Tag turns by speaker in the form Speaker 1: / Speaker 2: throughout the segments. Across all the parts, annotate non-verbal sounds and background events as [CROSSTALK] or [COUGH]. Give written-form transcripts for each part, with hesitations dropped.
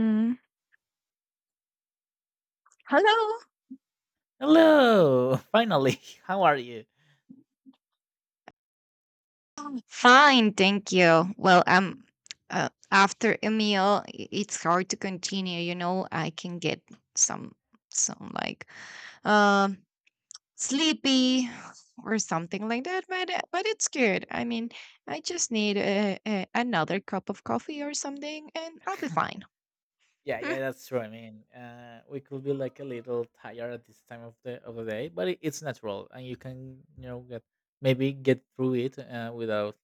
Speaker 1: Mm, Hello.
Speaker 2: Hello, [LAUGHS] finally. How are you?
Speaker 1: Fine, thank you. Well, after a meal, it's hard to continue. You know, I can get some, some like, um, sleepy or something like that. But it's good. I mean, I just need another cup of coffee or something, and I'll be fine. [LAUGHS]
Speaker 2: Yeah, yeah, that's true. I mean, we could be like a little tired at this time of the day, but it's natural, and you can get maybe get through it without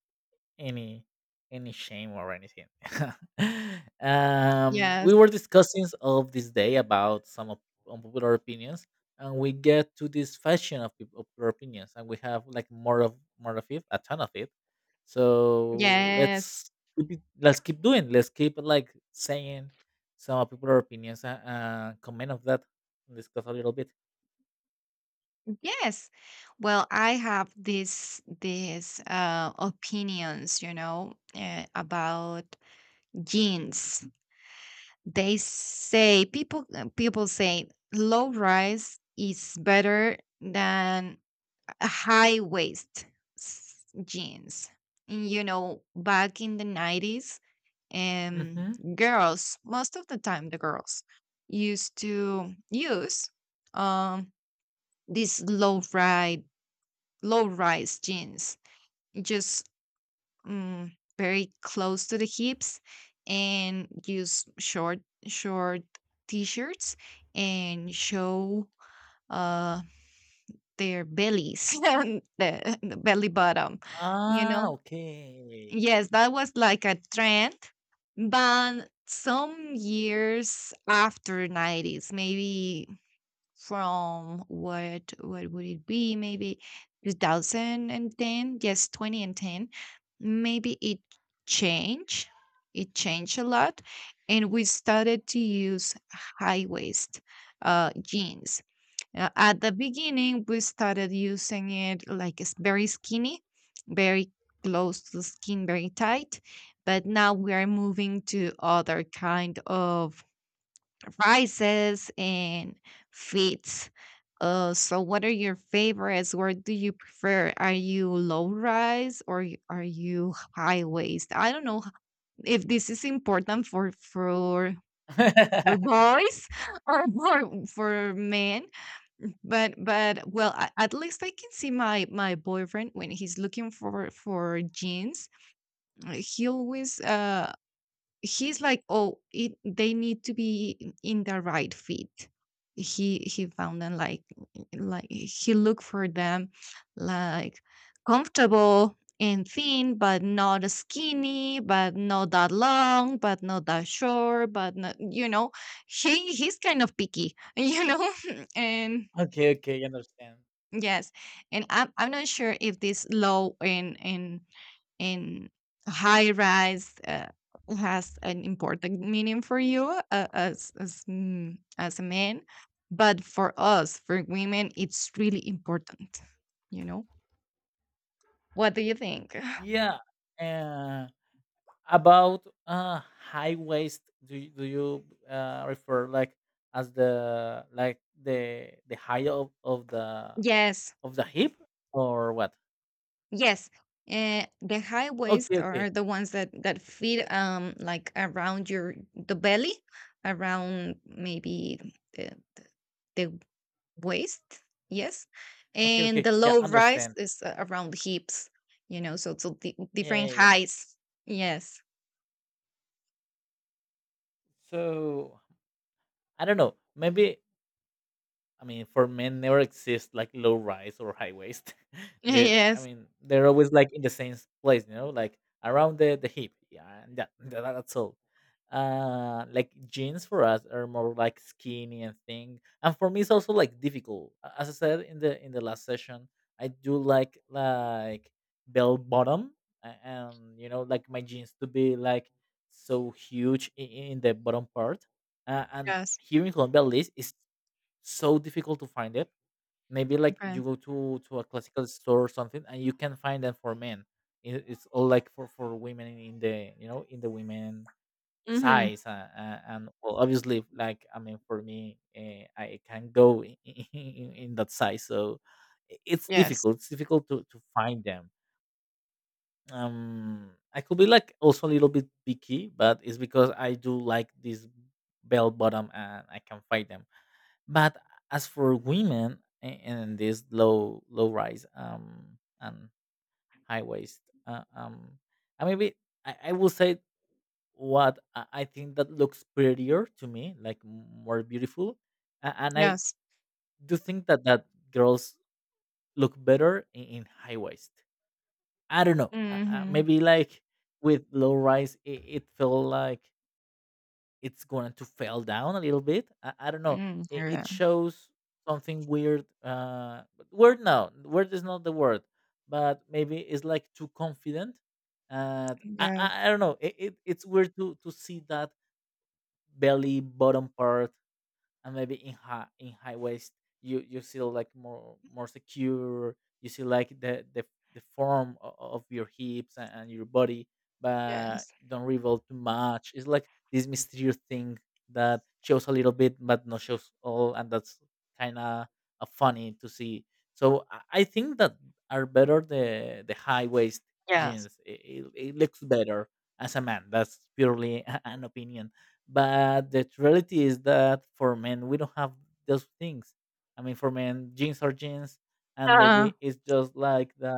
Speaker 2: any any shame or anything. [LAUGHS] We
Speaker 1: Yes.
Speaker 2: were discussing of this day about some of unpopular opinions, and we get to this fashion of popular opinions, and we have like more of it, a ton of it. So
Speaker 1: Yes.
Speaker 2: let's keep doing. Let's keep like saying some of popular opinions and comment of that. Discuss a little bit.
Speaker 1: Yes. Well, I have these opinions, you know, about jeans. They say people say low rise is better than a high waist jeans. And, you know, back in the 90s, um,
Speaker 2: Hmm.
Speaker 1: girls, most of the time, the girls used to use um these low rise, low rise jeans, just mm, very close to the hips, and use short t-shirts and show uh their bellies [LAUGHS] and the belly bottom. You
Speaker 2: Ah,
Speaker 1: know,
Speaker 2: okay.
Speaker 1: yes, that was like a trend, but some years after 90s, maybe from what would it be, maybe 2010, yes, 20 and 10, maybe it changed, it changed a lot, and we started to use high waist jeans. At the beginning we started using it like it's very skinny, very close to the skin, very tight, but now we are moving to other kind of prices and fits. So what are your favorites? What do you prefer? Are you low rise or are you high waist? I don't know if this is important for for
Speaker 2: [LAUGHS]
Speaker 1: boys [LAUGHS] or for men, but well, at least I can see my my boyfriend when he's looking for jeans. He always he's like, "Oh, it they need to be in the right fit." He found them like he looked for them like comfortable and thin, but not skinny, but not that long, but not that short, but not, you know, he's kind of picky, [LAUGHS] you know, [LAUGHS] and
Speaker 2: Okay, okay, I understand.
Speaker 1: yes, and I'm not sure if this law in high rise has an important meaning for you as a man, but for us, for women, it's really important. You know, what do you think?
Speaker 2: Yeah, uh, about high waist, do you refer like as the like the height
Speaker 1: Yes,
Speaker 2: of the hip or what?
Speaker 1: yes. The high
Speaker 2: Okay,
Speaker 1: waist
Speaker 2: okay,
Speaker 1: are the ones that that fit like around your the belly, around maybe the the, waist, yes,
Speaker 2: okay,
Speaker 1: and
Speaker 2: okay.
Speaker 1: the
Speaker 2: Yeah,
Speaker 1: low rise
Speaker 2: understand.
Speaker 1: is around the hips, you know, so so
Speaker 2: Yeah,
Speaker 1: different
Speaker 2: yeah, yeah.
Speaker 1: heights. Yes.
Speaker 2: So I don't know. Maybe I mean, for men, never exist like low rise or high waist. [LAUGHS]
Speaker 1: [LAUGHS]
Speaker 2: They, I
Speaker 1: Yes,
Speaker 2: mean, they're always like in the same place, you know, like around the hip. Yeah, and that, [LAUGHS] that's all. Like jeans for us are more like skinny and thin, and for me, it's also like difficult. As I said in the last session, I do like bell bottom, and you know, like my jeans to be like so huge in the bottom part. And
Speaker 1: yes.
Speaker 2: here in Colombia, at least, is so difficult to find it. Maybe like
Speaker 1: Okay.
Speaker 2: you go to a classical store or something, and you can find them for men. It's all like for women in the you know in the women
Speaker 1: Mm-hmm.
Speaker 2: size, and well, obviously, like I mean, for me, I can go in, [LAUGHS] in that size, so it's
Speaker 1: Yes,
Speaker 2: difficult. It's difficult to find them. I could be like also a little bit picky, but it's because I do like this bell bottom, and I can find them but as for women and this low rise and high waist, uh, um, I maybe I will say what I think that looks prettier to me, like more beautiful, and I
Speaker 1: yes.
Speaker 2: do think that that girls look better in high waist. I don't know,
Speaker 1: Mm-hmm.
Speaker 2: maybe like with low rise, it felt like it's going to fall down a little bit. I don't know.
Speaker 1: Mm-hmm.
Speaker 2: It
Speaker 1: Yeah.
Speaker 2: shows something weird. But weird no, weird is not the word, but maybe it's like too confident. And
Speaker 1: Yes.
Speaker 2: I don't know. It's weird to see that belly bottom part and maybe in high waist you you feel like more secure you see like the form of your hips and your body but
Speaker 1: Yes.
Speaker 2: don't reveal too much, it's like this mysterious thing that shows a little bit but not shows all, and that's kind of funny to see. So I think that are better the high waist
Speaker 1: Yes.
Speaker 2: jeans, it looks better as a man, that's purely [LAUGHS] an opinion, but the reality is that for men we don't have those things. I mean, for men jeans are jeans, and
Speaker 1: Uh,
Speaker 2: maybe it's just like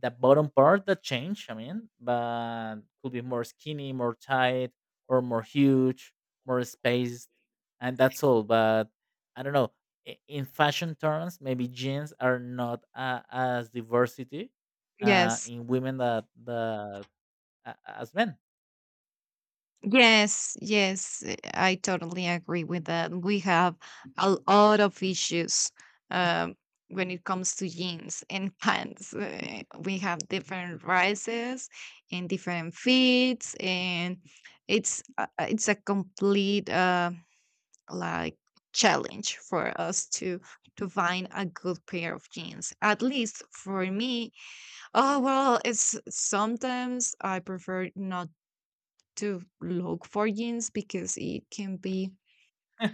Speaker 2: the bottom part that change. I mean, but could be more skinny, more tight, or more huge, more spaced, and that's all. But I don't know, in fashion terms maybe jeans are not as diversity
Speaker 1: yes.
Speaker 2: in women that as men.
Speaker 1: Yes, yes, I totally agree with that. We have a lot of issues, um, when it comes to jeans and [LAUGHS] pants. We have different rises and different fits, and it's a complete like challenge for us to find a good pair of jeans. At least for me, oh well, it's sometimes I prefer not to look for jeans because it can be,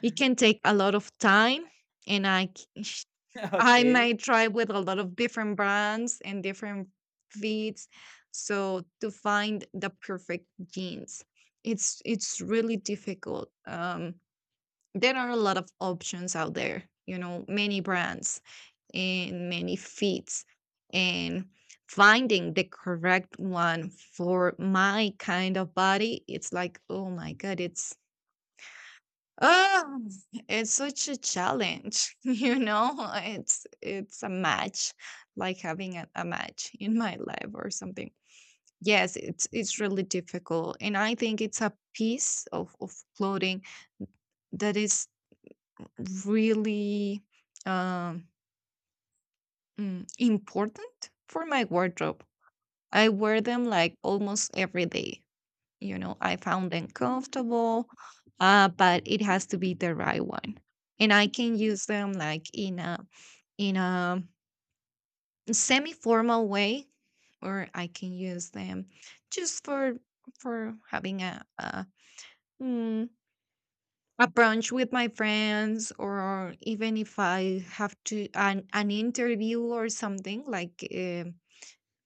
Speaker 1: it can take a lot of time, and [LAUGHS]
Speaker 2: [LAUGHS]
Speaker 1: I
Speaker 2: Okay.
Speaker 1: might try with a lot of different brands and different fits, so to find the perfect jeans, it's really difficult. There are a lot of options out there, you know, many brands in many fields, and finding the correct one for my kind of body, it's like, oh my god, it's, oh, it's such a challenge. [LAUGHS] You know, it's a match, like having a match in my life or something, yes, it's really difficult, and I think it's a piece of clothing that is really, um, important for my wardrobe. I wear them like almost every day. You know, I found them comfortable, but it has to be the right one. And I can use them like in a, in a semi-formal way, or I can use them just for having mm, a brunch with my friends, or even if I have to an interview or something like. Um,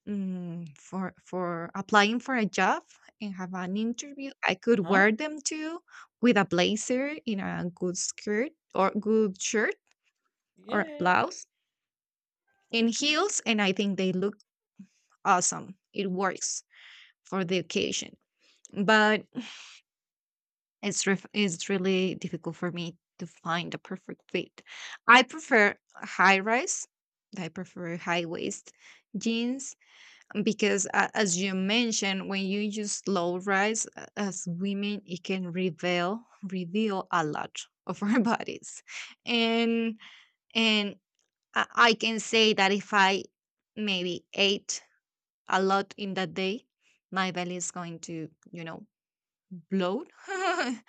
Speaker 1: Mm, For applying for a job and have an interview, I could
Speaker 2: Uh-huh.
Speaker 1: wear them too with a blazer in a good skirt or good shirt
Speaker 2: Yeah,
Speaker 1: or
Speaker 2: yeah, yeah.
Speaker 1: blouse and heels, and I think they look awesome. It works for the occasion, but it's ref it's really difficult for me to find a perfect fit. I prefer high rise. I prefer high waist jeans because, as you mentioned, when you use low rise, as women, it can reveal a lot of our [LAUGHS] bodies, and and I can say that if I maybe ate a lot in that day, my belly is going to, you know, blown [LAUGHS]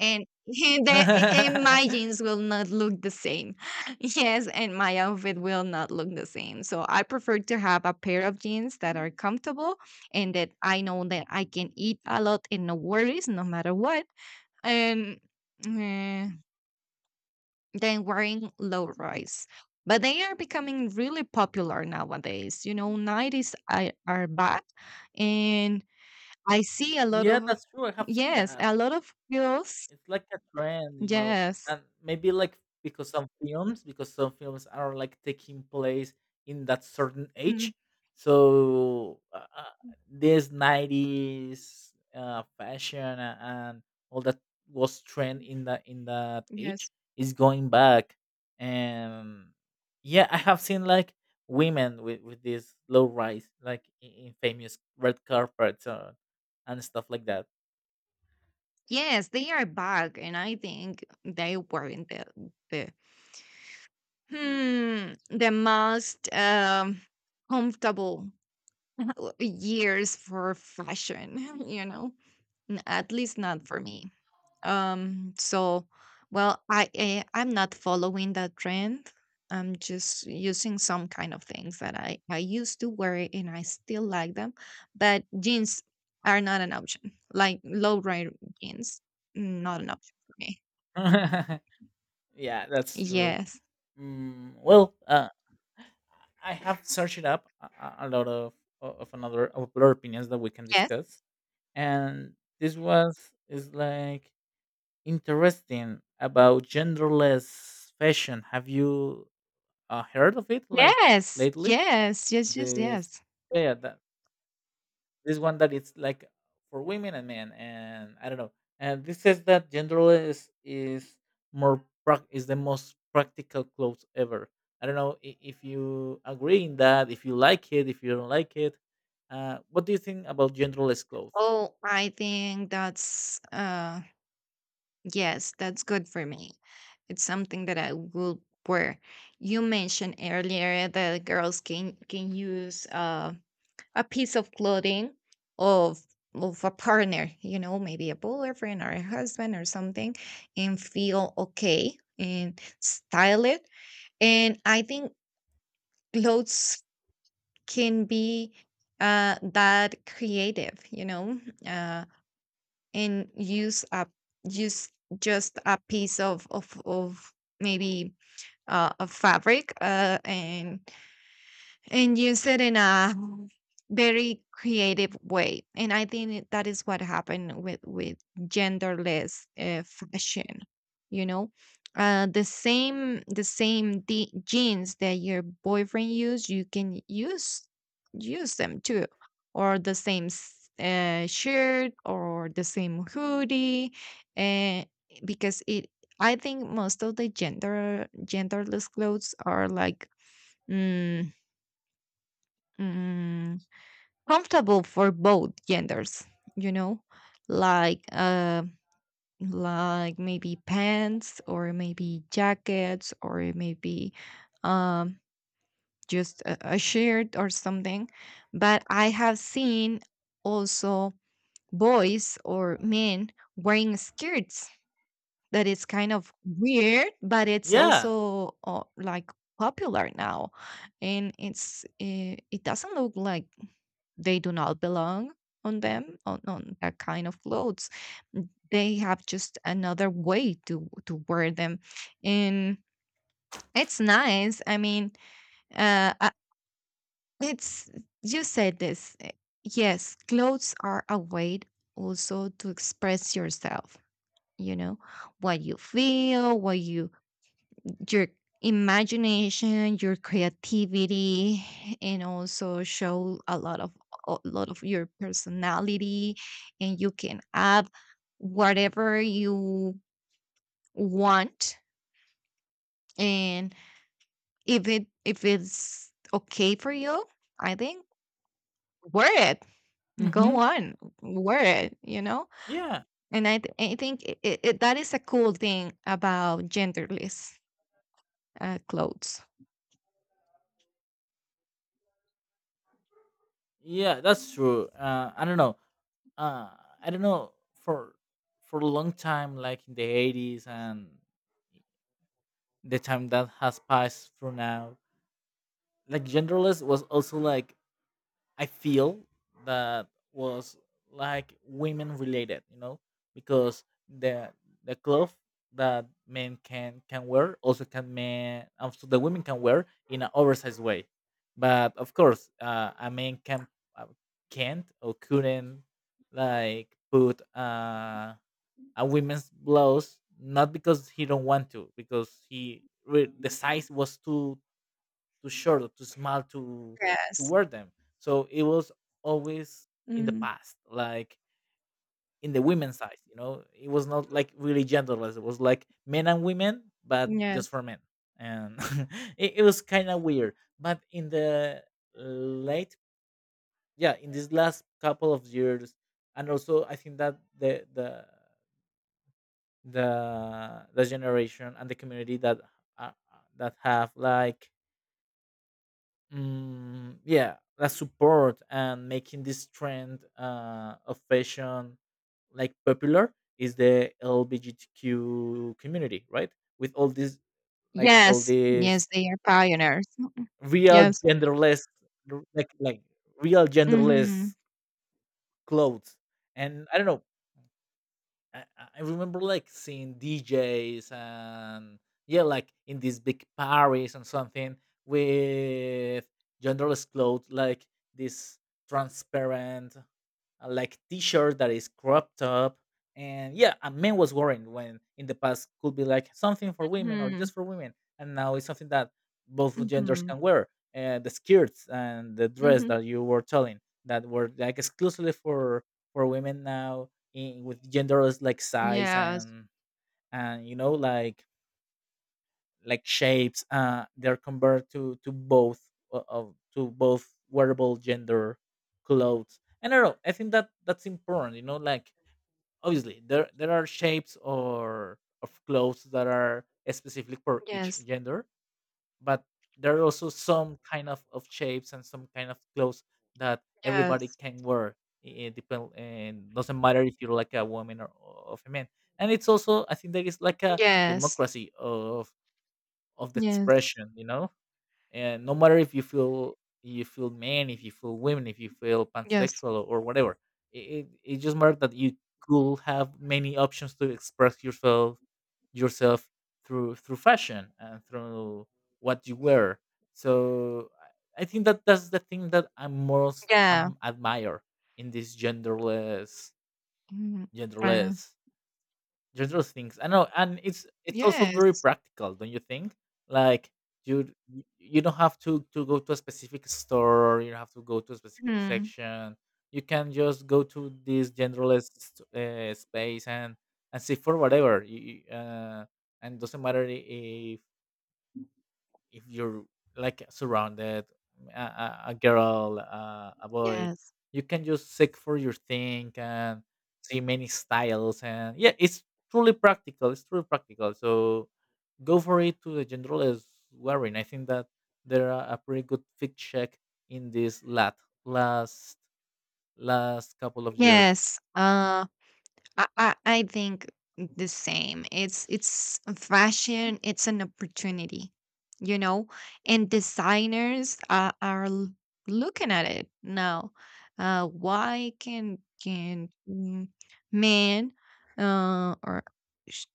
Speaker 1: and [LAUGHS] my jeans
Speaker 2: [LAUGHS]
Speaker 1: will not look the same. [LAUGHS] Yes, and my outfit will not look the same, so I prefer to have a pair of jeans that are comfortable and that I know that I can eat a lot and no worries, no matter what, and eh, then wearing low rise, but they are becoming really popular nowadays, you know, 90s are back, and I see a lot
Speaker 2: Yeah,
Speaker 1: of,
Speaker 2: that's true. I have seen
Speaker 1: yes,
Speaker 2: that.
Speaker 1: a lot of girls.
Speaker 2: It's like a trend, you know,
Speaker 1: Yes.
Speaker 2: and maybe like because some films are like taking place in that certain age.
Speaker 1: Mhm.
Speaker 2: So this '90s fashion and all that was trend in that age
Speaker 1: Yes.
Speaker 2: is going back, and yeah, I have seen like women with this low rise, like in famous red carpets and stuff like that.
Speaker 1: Yes, they are back, and I think they weren't the, the most comfortable [LAUGHS] years for fashion. [LAUGHS] You know. At least not for me. So well, I, I'm not following that trend, I'm just using some kind of things that I used to wear and I still like them, but jeans are not an option, like low rate jeans, not an option for me.
Speaker 2: [LAUGHS] Yeah, that's true.
Speaker 1: Yes,
Speaker 2: Mm, well, I have searched up a lot of another of other opinions that we can
Speaker 1: yes,
Speaker 2: discuss, and this was is like interesting about genderless fashion. Have you heard of it? Like
Speaker 1: yes,
Speaker 2: lately,
Speaker 1: yes, yes. Yes,
Speaker 2: this
Speaker 1: yes.
Speaker 2: yeah, yeah, that this one that it's like for women and men, and I don't know, and this says that genderless is is the most practical clothes ever. I don't know, if you agree in that, if you like it, if you don't like it, what do you think about genderless clothes?
Speaker 1: oh I think that's Yes, that's good for me. It's something that I will wear. You mentioned earlier that girls can use a piece of clothing of of a partner, you know, maybe a boyfriend or a husband or something, and feel okay and style it. And I think clothes can be that creative, you know. Uh, and use a Use just a piece of maybe a fabric and use it in a very creative way. And I think that is what happened with genderless fashion. You know, the same, the same jeans that your boyfriend used, you can use them too, or the same shirt, or the same hoodie, uh, because it. I think most of the genderless clothes are like, mm, mm, comfortable for both genders, you know, like uh like maybe pants or maybe jackets or maybe, um just a shirt or something, but I have seen also boys or men wearing skirts, that is kind of weird, but it's
Speaker 2: Yeah.
Speaker 1: also like popular now, and it's it doesn't look like they do not belong on them, on that kind of clothes. They have just another way to wear them, and it's nice, I mean, uh uh, it's, you said this, yes, clothes are a way also to express yourself, you know, what you feel, what you, your imagination, your creativity, and also show a lot of, a lot of your personality, and you can add whatever you want. And if it, if it's okay for you, I think, wear it.
Speaker 2: Mm-hmm.
Speaker 1: Go on, wear it. You know,
Speaker 2: Yeah,
Speaker 1: and I think that is a cool thing about genderless clothes.
Speaker 2: yeah, that's true. I don't know. Uh, I don't know for a long time, like in the 80s and the time that has passed for now. Like genderless was also like I feel that was like women related, you know, because the cloth that men can wear also can men also the women can wear in an oversized way, but of course a man can uh, can't or couldn't like put a women's blouse, not because he don't want to, because he the size was too too short or too small to
Speaker 1: Yes.
Speaker 2: wear them. So it was always in the
Speaker 1: hmm
Speaker 2: past, like in the women's size. You know, it was not like really genderless. It was like men and women, but just
Speaker 1: Yes.
Speaker 2: for men, and [LAUGHS] it was kind of weird. But in the late, yeah, in these last couple of years, and also I think that the generation and the community that are, that have like yeah that support and making this trend of fashion like popular is the LGBTQ community, right? With all these like all
Speaker 1: Yes, yes,
Speaker 2: these
Speaker 1: they are pioneers.
Speaker 2: real
Speaker 1: Yes.
Speaker 2: genderless like real genderless
Speaker 1: Mhm.
Speaker 2: clothes, and I don't know, I, I remember like seeing DJs and yeah, like in these big parties and something with genderless clothes, like this transparent like t-shirt that is cropped up, and yeah, a man was wearing when in the past could be like something for women or
Speaker 1: Mhm.
Speaker 2: just for women, and now it's something that both genders
Speaker 1: Mhm.
Speaker 2: can wear. Uh, the skirts and the dress
Speaker 1: Mhm.
Speaker 2: that you were telling that were like exclusively for women now in, with genderless like size
Speaker 1: Yes.
Speaker 2: and you know like shapes they're converted to both o- of to both wearable gender clothes, and I don't know, I think that that's important, you know, like obviously there are shapes or of clothes that are specific for each
Speaker 1: Yes,
Speaker 2: gender, but there are also some kind of shapes and some kind of clothes that everybody
Speaker 1: yes,
Speaker 2: can wear. It depend and doesn't matter if you're like a woman or of a man, and it's also I think there is like a
Speaker 1: yes,
Speaker 2: democracy of the
Speaker 1: yes,
Speaker 2: expression, you know, and no matter if you feel you feel man, if you feel women, if you feel
Speaker 1: yes,
Speaker 2: pansexual or whatever, it, it, it just matters that you could have many options to express yourself through fashion and through what you wear. So I think that that's the thing that I most
Speaker 1: yeah,
Speaker 2: um, admire in this
Speaker 1: mhm, uh,
Speaker 2: genderless just those things. I know, and it's also very
Speaker 1: yes,
Speaker 2: practical, don't you think? Like you don't have to go to a specific store. You don't have to go to a specific
Speaker 1: mhm,
Speaker 2: section. You can just go to this genderless space and see for whatever. And doesn't matter if you're like surrounded a girl a boy,
Speaker 1: yes,
Speaker 2: you can just seek for your thing and see many styles, and yeah it's truly practical, it's truly practical. So go for it to the genderless wearing. I think that there are a pretty good fit check in this lat last last couple of years.
Speaker 1: yes, I think the same. It's fashion. It's an opportunity, you know, and designers are looking at it now. Why can men uh, or sh-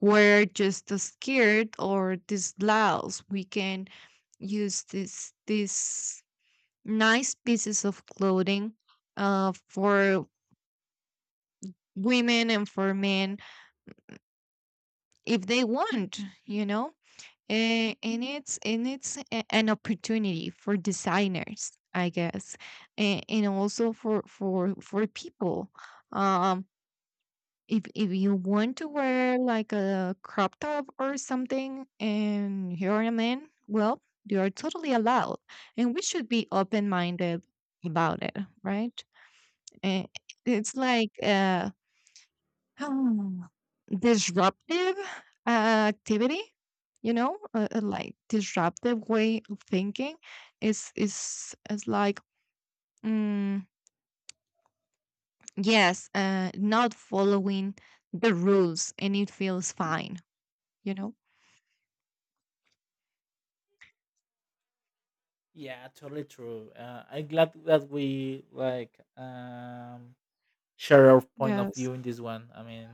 Speaker 1: wear just a skirt or this blouse? We can use this this nice pieces of clothing for women and for men if they want, you know. And it's, and it's an opportunity for designers, I guess, and also for for people. Um, if you want to wear like a crop top or something, and you're a man, well, you are totally allowed, and we should be open minded about it, right? Eh, it's like uh Oh, disruptive activity, you know, like disruptive way of thinking is like, mm, yes, not following the rules, and it feels fine, you know.
Speaker 2: Yeah, totally true, I'm glad that we like share our point of
Speaker 1: Yes,
Speaker 2: view in this one. I mean,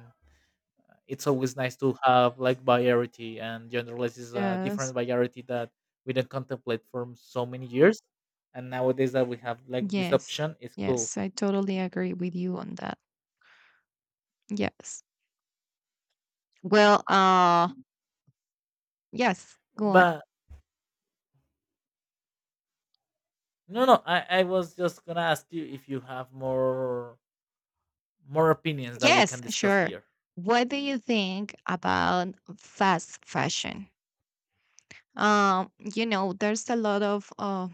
Speaker 2: it's always nice to have like variety, and genderless is a different
Speaker 1: yes,
Speaker 2: variety that we didn't contemplate for so many years, and nowadays that we have like this
Speaker 1: yes,
Speaker 2: option it's cool.
Speaker 1: yes. I totally agree with you on that. Yes. Well, yes. Go on.
Speaker 2: But no no I was just gonna ask you if you have more opinions that we can
Speaker 1: Yes,
Speaker 2: discuss
Speaker 1: sure.
Speaker 2: here.
Speaker 1: What do you think about fast fashion? You know, there's a lot of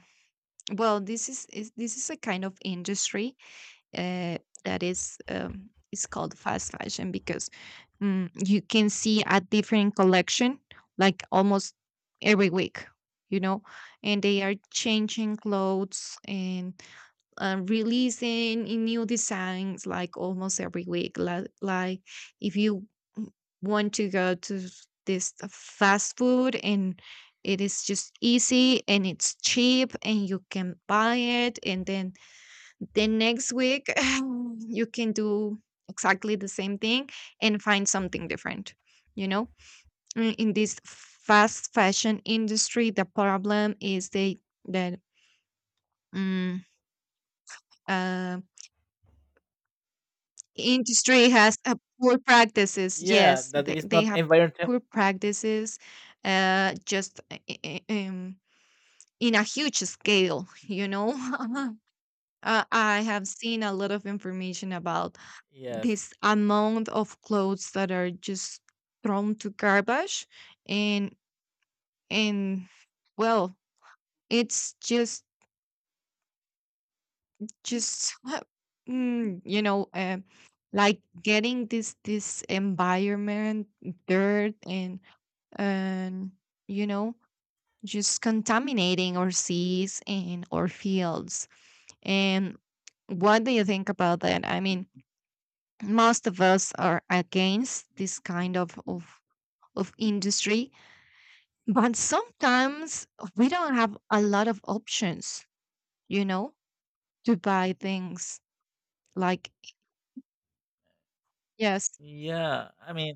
Speaker 1: well this is a kind of industry uh that is called fast fashion because, you can see a different collection like almost every week, you know, and they are changing clothes and, releasing in new designs like almost every week. Like, if you w- want to go to this fast food. And it is just easy and it's cheap and you can buy it, and then the next week [LAUGHS] you can do exactly the same thing and find something different, you know. In this fast fashion industry the problem is they that um, industry has poor practices.
Speaker 2: Yeah,
Speaker 1: Yes,
Speaker 2: that it
Speaker 1: they,
Speaker 2: is
Speaker 1: they
Speaker 2: not
Speaker 1: have
Speaker 2: environmental.
Speaker 1: poor practices, uh, just uh, i- i- um, in a huge scale, you know. [LAUGHS] I have seen a lot of information about
Speaker 2: Yes.
Speaker 1: this amount of clothes that are just thrown to garbage, and and well, it's just [LAUGHS] you know, like getting this environment dirt, and you know, just contaminating our seas and our fields. And what do you think about that? I mean, most of us are against this kind of industry, [LAUGHS] but sometimes we don't have a lot of options, you know, to buy things like. Yes,
Speaker 2: Yeah, I mean,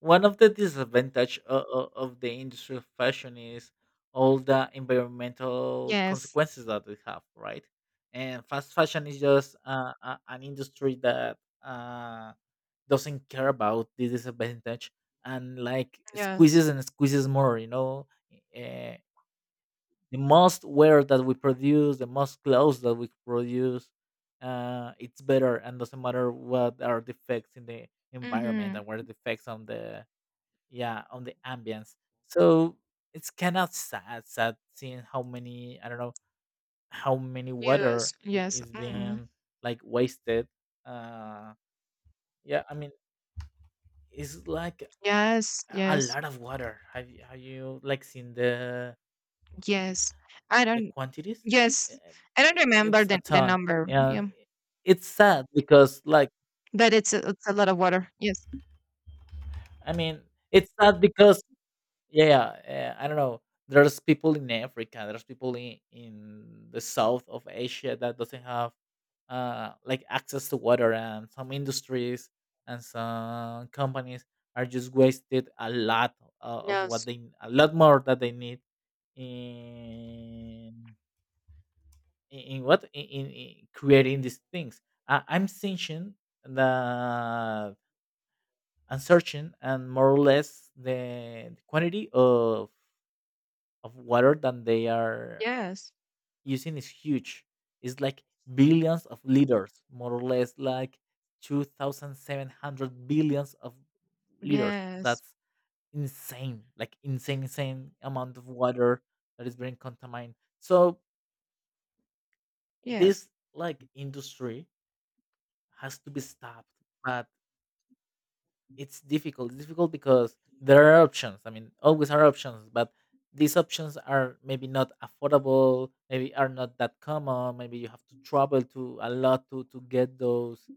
Speaker 2: one of the disadvantage of the industry of fashion is all the environmental
Speaker 1: yes,
Speaker 2: consequences that we have, right? And fast fashion is just an industry that doesn't care about the disadvantage and like
Speaker 1: yes,
Speaker 2: squeezes and squeezes more, you know. Eh, the most wear that we produce, the most clothes that we produce, it's better and doesn't matter what are the effects in the environment
Speaker 1: mm-hmm.
Speaker 2: and what are the effects on the, yeah, on the ambience. So it's kind of sad, sad seeing how many, I don't know how many water
Speaker 1: Yes, yes,
Speaker 2: is
Speaker 1: mm-hmm.
Speaker 2: being like wasted. Uh, yeah, I mean it's like a
Speaker 1: Yes,
Speaker 2: a
Speaker 1: yes,
Speaker 2: lot of water. Have you like seen the
Speaker 1: yes. i don't
Speaker 2: quantities? uh,
Speaker 1: Yes. I don't remember
Speaker 2: it's a
Speaker 1: the
Speaker 2: ton.
Speaker 1: number.
Speaker 2: And
Speaker 1: Yeah.
Speaker 2: it's sad because, like,
Speaker 1: But it's a lot of water. Yes.
Speaker 2: I mean, it's sad because yeah, I don't know, there's people in Africa, there's people in, the south of Asia that doesn't have, like, access to water, and some industries and some companies are just wasted a lot, uh, of what
Speaker 1: Yes.
Speaker 2: they a lot more that they need in in what in creating these things. I'm searching the and searching and more or less the quantity of water that they are
Speaker 1: Yes.
Speaker 2: using is huge. It's like billions of liters, more or less, like 2700 billions of liters.
Speaker 1: Yes.
Speaker 2: That's insane, like insane amount of water that is being contaminated. So
Speaker 1: Yes.
Speaker 2: this like industry has to be stopped. But it's difficult. It's difficult because there are options. I mean, always are options, but these options are maybe not affordable, maybe are not that common. Maybe you have to travel to a lot to get those.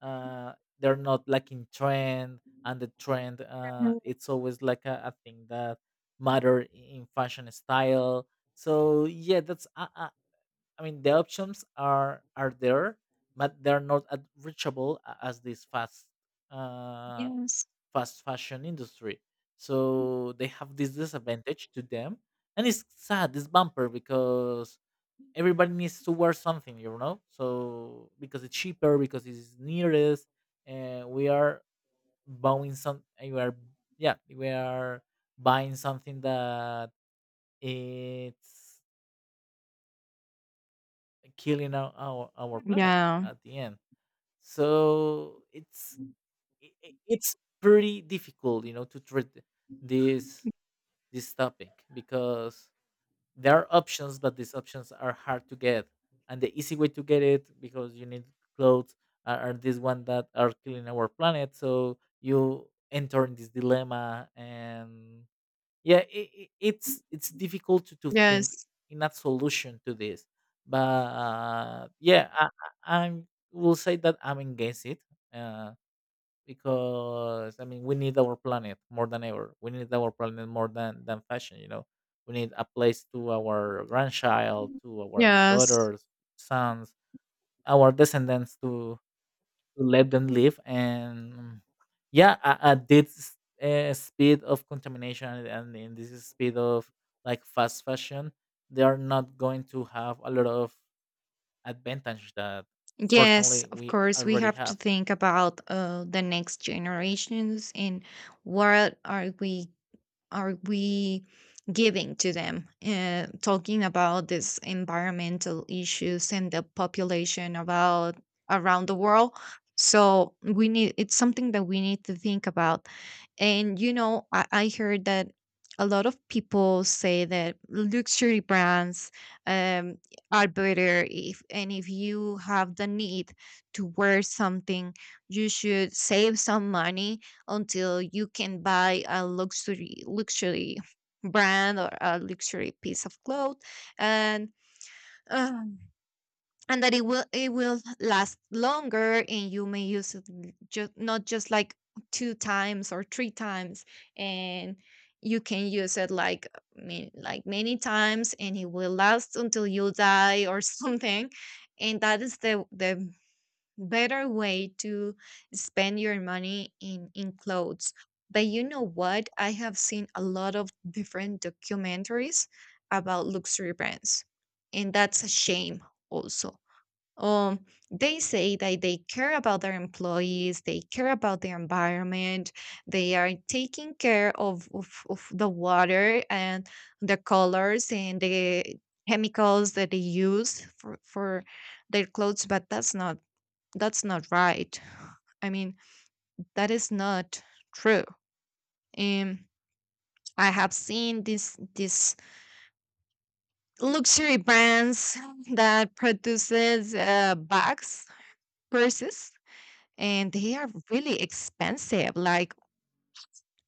Speaker 2: Uh, they're not like in trend, and the trend,
Speaker 1: Mhm.
Speaker 2: it's always like a thing that matter in fashion style. So yeah, I mean, the options are there, but they're not as reachable as this uh,
Speaker 1: Yes.
Speaker 2: fast fashion industry. So they have this disadvantage to them, and it's sad. It's bumper because everybody needs to wear something. So because it's cheaper, because it's nearest, and we are buying some. We are yeah, we are buying something that it's killing our planet
Speaker 1: Yeah.
Speaker 2: at the end. So it's pretty difficult to treat this topic because there are options but these options are hard to get and the easy way to get it because you need clothes are these one that are killing our planet, so you enter in this dilemma, and yeah, it's difficult to think
Speaker 1: Yes.
Speaker 2: in a solution to this. But yeah, I will say that I'm against it, uh, because I mean we need our planet more than ever, we need our planet more than fashion. We need a place to our grandchild, to our
Speaker 1: Yes.
Speaker 2: daughters, sons, our descendants, to let them live, and yeah, at this speed of contamination, and in this speed of like fast fashion, they are not going to have a lot of advantage that
Speaker 1: Yes,
Speaker 2: fortunately
Speaker 1: of
Speaker 2: we
Speaker 1: course, we
Speaker 2: already
Speaker 1: have to
Speaker 2: have.
Speaker 1: think about the next generations and what are we are we giving to them, talking about these environmental issues and the population about around the world. So we need — it's something that we need to think about. And you know, I heard that a lot of people say that luxury brands um, are better. If and if you have the need to wear something, you should save some money until you can buy a luxury brand or a luxury piece of cloth. And um, that it will last longer and you may use it, just not just like two times or three times, and you can use it like like many times, and it will last until you die or [LAUGHS] something. And that is the better way to spend your money in clothes. But you know what, I have seen a lot of different documentaries about luxury brands, and that's a shame also. um they say that they care about their employees, they care about the environment, they are taking care of the water and the colors and the chemicals that they use for their clothes. But that's not right. I mean, that is not true. Um, I have seen this luxury brands that produces bags, purses, and they are really expensive, like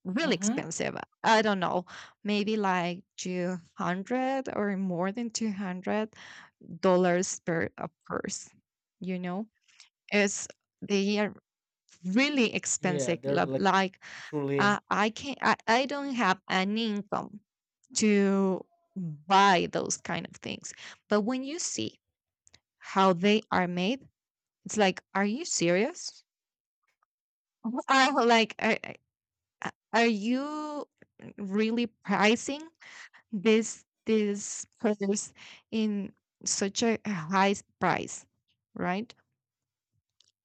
Speaker 1: really
Speaker 2: Hmm.
Speaker 1: expensive. I don't know, maybe like 200 or more than $200 per a purse. You know, it's — they are really
Speaker 2: Yeah,
Speaker 1: expensive,
Speaker 2: they're like
Speaker 1: like.
Speaker 2: truly.
Speaker 1: I can't. I don't have an income to buy those kind of things. But when you see how they are made, it's like, are you serious? [LAUGHS] I'm like, are you really pricing this purse in such a high price, right?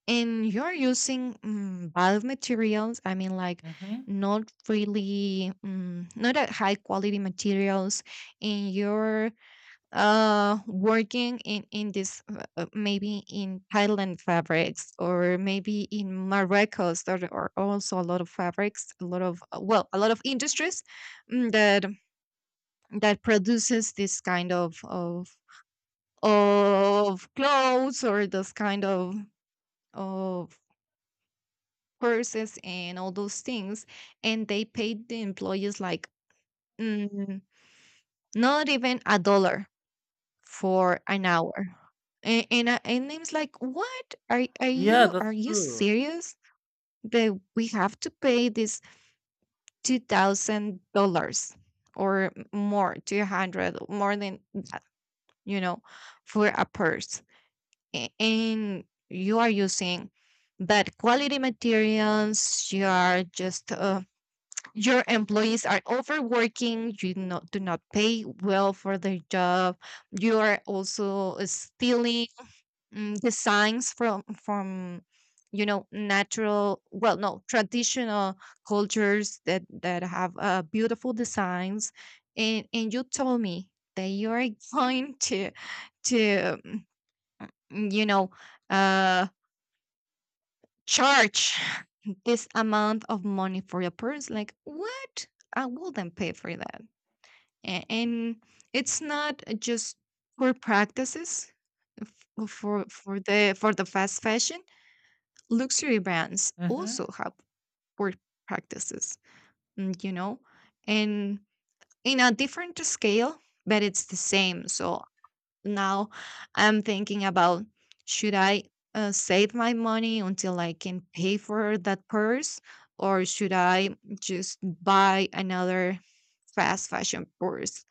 Speaker 1: And you're using, bulk materials. I mean, like
Speaker 2: Hmm.
Speaker 1: not really, not at high quality materials. And you're working in this maybe in Thailand fabrics, or maybe in Morocco. So there are also a lot of fabrics, a lot of a lot of industries, that that produces this kind of clothes, or this kind of courses, and all those things. And they paid the employees like, mm, not even a dollar for an hour. And and I was like, what, are
Speaker 2: Yeah,
Speaker 1: you — are
Speaker 2: that's
Speaker 1: you
Speaker 2: true.
Speaker 1: serious that we have to pay this $2,000, or more, 200 more than that, you know, for a purse? And you are using bad quality materials, you are just your employees are overworking, you not, do not pay well for their job, you are also stealing, designs from you know, natural well no traditional cultures that that have beautiful designs, and you told me that you are [LAUGHS] going to you know, uh charge [LAUGHS] this amount of money for your person, like what? I wouldn't pay for that. And it's not just poor practices f- for the fast fashion. Luxury brands
Speaker 2: Hmm.
Speaker 1: also have poor practices, you know, and in a different scale, but it's the same. So now I'm thinking about, should I save my money until I can pay for that purse, or should I just buy another fast fashion purse?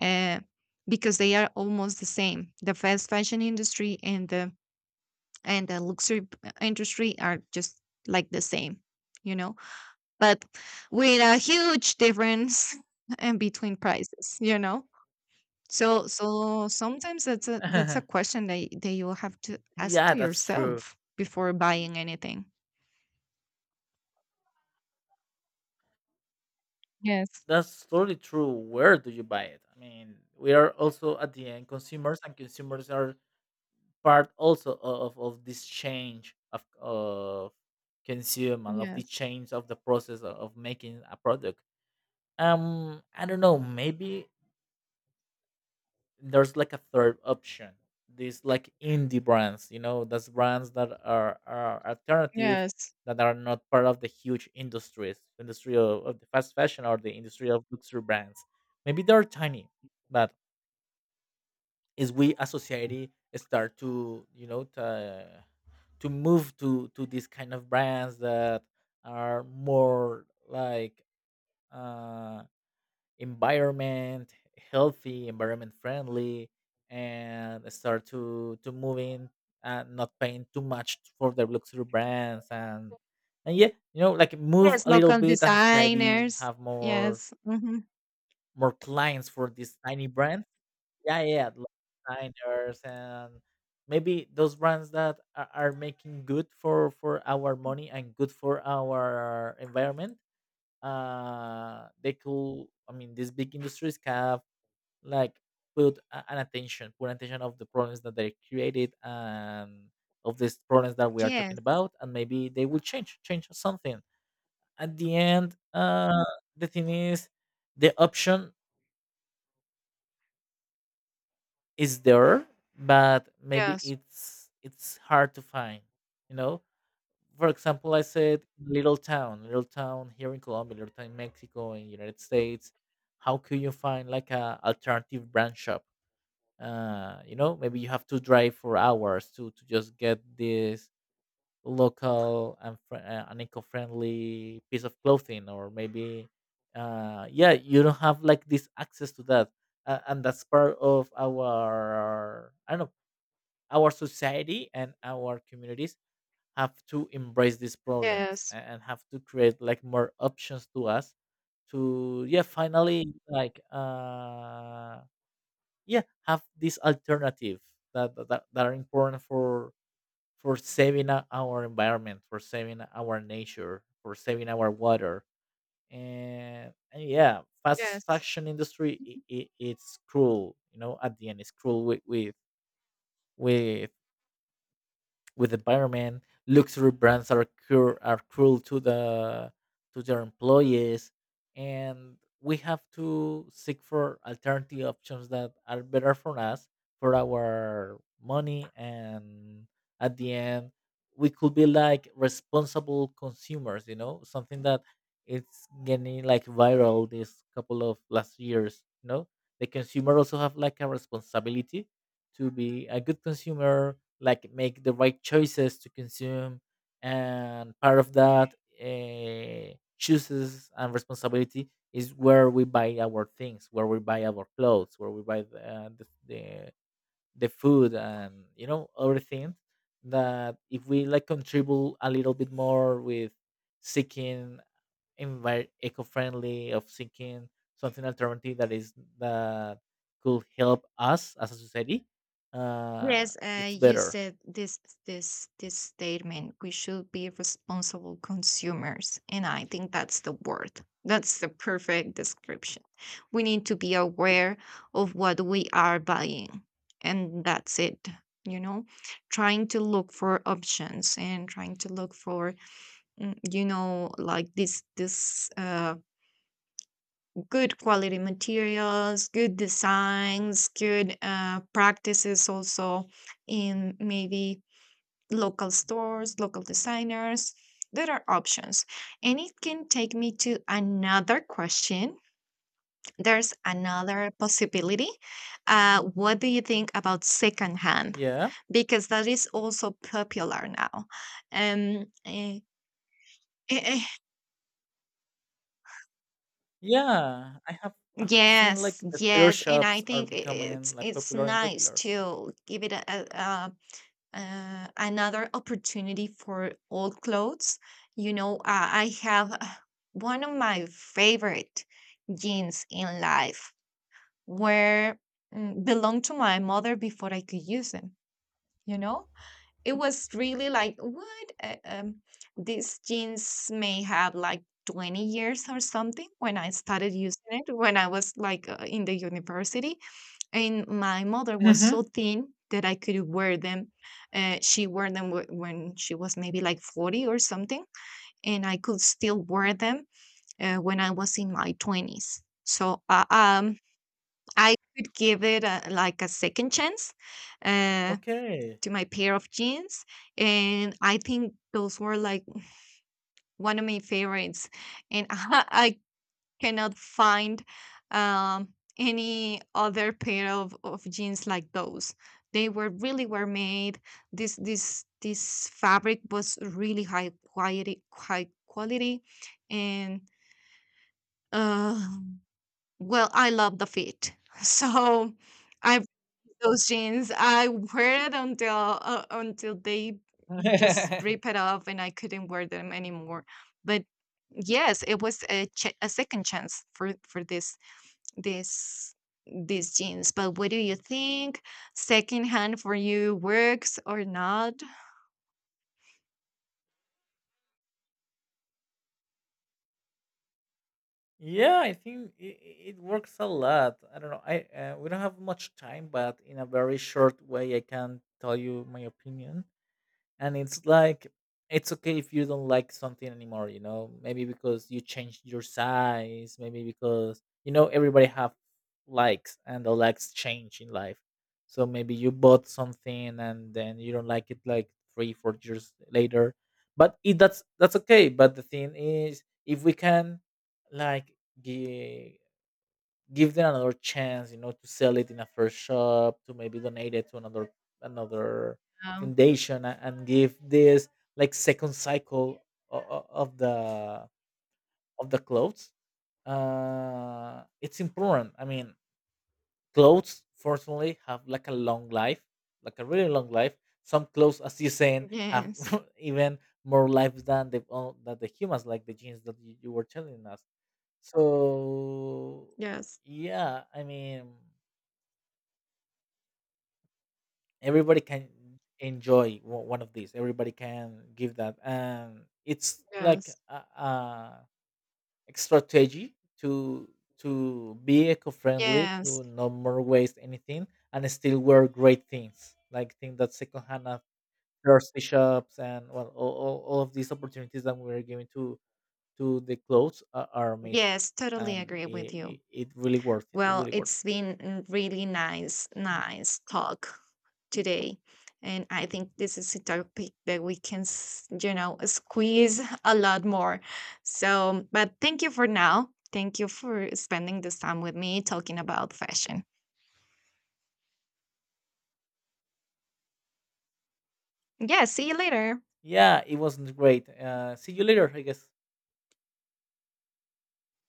Speaker 1: uh, because they are almost the same. The fast fashion industry and the luxury industry are just like the same, you know, but with a huge difference [LAUGHS] and between prices, you know. So sometimes that's a question that, that you have to
Speaker 2: [LAUGHS]
Speaker 1: ask
Speaker 2: Yeah,
Speaker 1: to
Speaker 2: that's true.
Speaker 1: yourself before buying anything. Yes.
Speaker 2: That's totally true. Where do you buy it? I mean, we are also at the end consumers, and consumers are part also of this change of consume of the
Speaker 1: Yes.
Speaker 2: change of the process of making a product. I don't know, maybe there's like a third option. These like indie brands, that's brands that are alternative,
Speaker 1: Yes.
Speaker 2: that are not part of the huge industries industry of the fast fashion or the industry of luxury brands. Maybe they're tiny, but as we, as society, start to move to these kind of brands that are more like, uh, environment healthy, environment friendly, and start to move in, and not paying too much for the luxury brands, and yeah, like move
Speaker 1: Yes,
Speaker 2: a little
Speaker 1: local
Speaker 2: bit, as society
Speaker 1: designers.
Speaker 2: have more,
Speaker 1: Yes. Hmm.
Speaker 2: more clients for these tiny brands. Yeah, yeah, yeah, like diners, and maybe those brands that are making good for our money and good for our environment. They could. I mean, these big industries can like put attention of the problems that they created and of these problems that we are talking
Speaker 1: Yes.
Speaker 2: about, and maybe they will change something. At the end, the thing is, the option is there, but maybe
Speaker 1: Yes.
Speaker 2: it's hard to find. You know, for example, I said little town here in Colombia, little town in Mexico, in United States. How could you find like a alternative brand shop? Maybe you have to drive for hours to just get this local an eco-friendly piece of clothing, or maybe, yeah, you don't have like this access to that, and that's part of our, I don't know, our society and our communities have to embrace these problems,
Speaker 1: Yes.
Speaker 2: and have to create like more options to us to finally, like, yeah have this alternative that are important for saving our environment, for saving our nature, for saving our water. And, yeah, fast
Speaker 1: Yes.
Speaker 2: fashion industry, I it's cruel, at the end it's cruel with, with with the environment. Luxury brands are cruel to the to their employees, and we have to seek for alternative options that are better for us, for our money, and at the end, we could be like responsible consumers. You know, something that it's getting like viral this couple of last years. You know, the consumer also have like a responsibility to be a good consumer, like make the right choices to consume, and part of that, choices and responsibility is where we buy our things, where we buy our clothes, where we buy the food, and everything. That if we like contribute a little bit more with seeking, eco-friendly of thinking, something alternative that could help us as a society, uh
Speaker 1: Yes,
Speaker 2: it's
Speaker 1: you
Speaker 2: better.
Speaker 1: said this this statement. We should be responsible consumers, and I think that's the word. That's the perfect description. We need to be aware of what we are buying, and that's it. You know, trying to look for options and trying to look for, you know, like this good quality materials, good designs, good practices also in maybe local stores, local designers. There are options. And it can take me to another question. There's another possibility. What do you think about secondhand?
Speaker 2: Yeah,
Speaker 1: Because that is also popular now. Um, eh, [LAUGHS]
Speaker 2: yeah, I've seen
Speaker 1: Yes,
Speaker 2: like the tailor
Speaker 1: yes, and I
Speaker 2: shops are
Speaker 1: think
Speaker 2: becoming like
Speaker 1: it's
Speaker 2: popular and
Speaker 1: nice
Speaker 2: popular.
Speaker 1: to give it a another opportunity for old clothes. You know, I have one of my favorite jeans in life where, belonged to my mother before I could use them. You know, it was really like, what? These jeans may have like 20 years or something when I started using it, when I was like in the university. And my mother was
Speaker 2: Hmm.
Speaker 1: so thin that I could wear them. She wore them when she was maybe like 40 or something. And I could still wear them when I was in my 20s. So I could give it a, like a second chance. Uh,
Speaker 2: Okay.
Speaker 1: to my pair of jeans. And I think those were like one of my favorites. And [LAUGHS] I cannot find um, any other pair of jeans like those. They were really well made. This fabric was really high quality, and uh, I love the fit. [LAUGHS] So I bought those jeans. I wear it until they just
Speaker 2: [LAUGHS]
Speaker 1: rip it off, and I couldn't wear them anymore. But yes, it was a, a second chance for this this these jeans. But what do you think? Secondhand for you works or not?
Speaker 2: Yeah, I think it works a lot. I don't know, I we don't have much time, but in a very short way I can tell you my opinion. And it's like it's okay if you don't like something anymore, maybe because you changed your size, maybe because everybody have likes, and the likes change in life, so maybe you bought something and then you don't like it like 3 or 4 years later. But it, that's okay. But the thing is if we can like give give them another chance, to sell it in a first shop, to maybe donate it to another another
Speaker 1: Um,
Speaker 2: foundation, and give this like second cycle o- o- of the of the clothes. It's important. I mean, clothes fortunately have like a long life, like a really long life. Some clothes, as you saying, have
Speaker 1: yes,
Speaker 2: [LAUGHS] even more life than the humans, like the genes that you were telling us. So
Speaker 1: yes,
Speaker 2: yeah, I mean. Everybody can enjoy one of these, everybody can give that, and it's like
Speaker 1: yes,
Speaker 2: a strategy to be eco-friendly,
Speaker 1: yes,
Speaker 2: to no more waste anything, and still wear great things, like things that secondhand at 30 shops, and well, all of these opportunities that we're giving to the clothes are, amazing.
Speaker 1: yes. Totally
Speaker 2: And
Speaker 1: agree with you.
Speaker 2: it really worth it, it
Speaker 1: Well,
Speaker 2: really worth
Speaker 1: it's
Speaker 2: it.
Speaker 1: been a really nice, nice talk today. And I think this is a topic that we can, you know, squeeze a lot more. So, but thank you for now. Thank you for spending this time with me talking about fashion. Yeah, see you later.
Speaker 2: Yeah, it wasn't great, see you later I guess.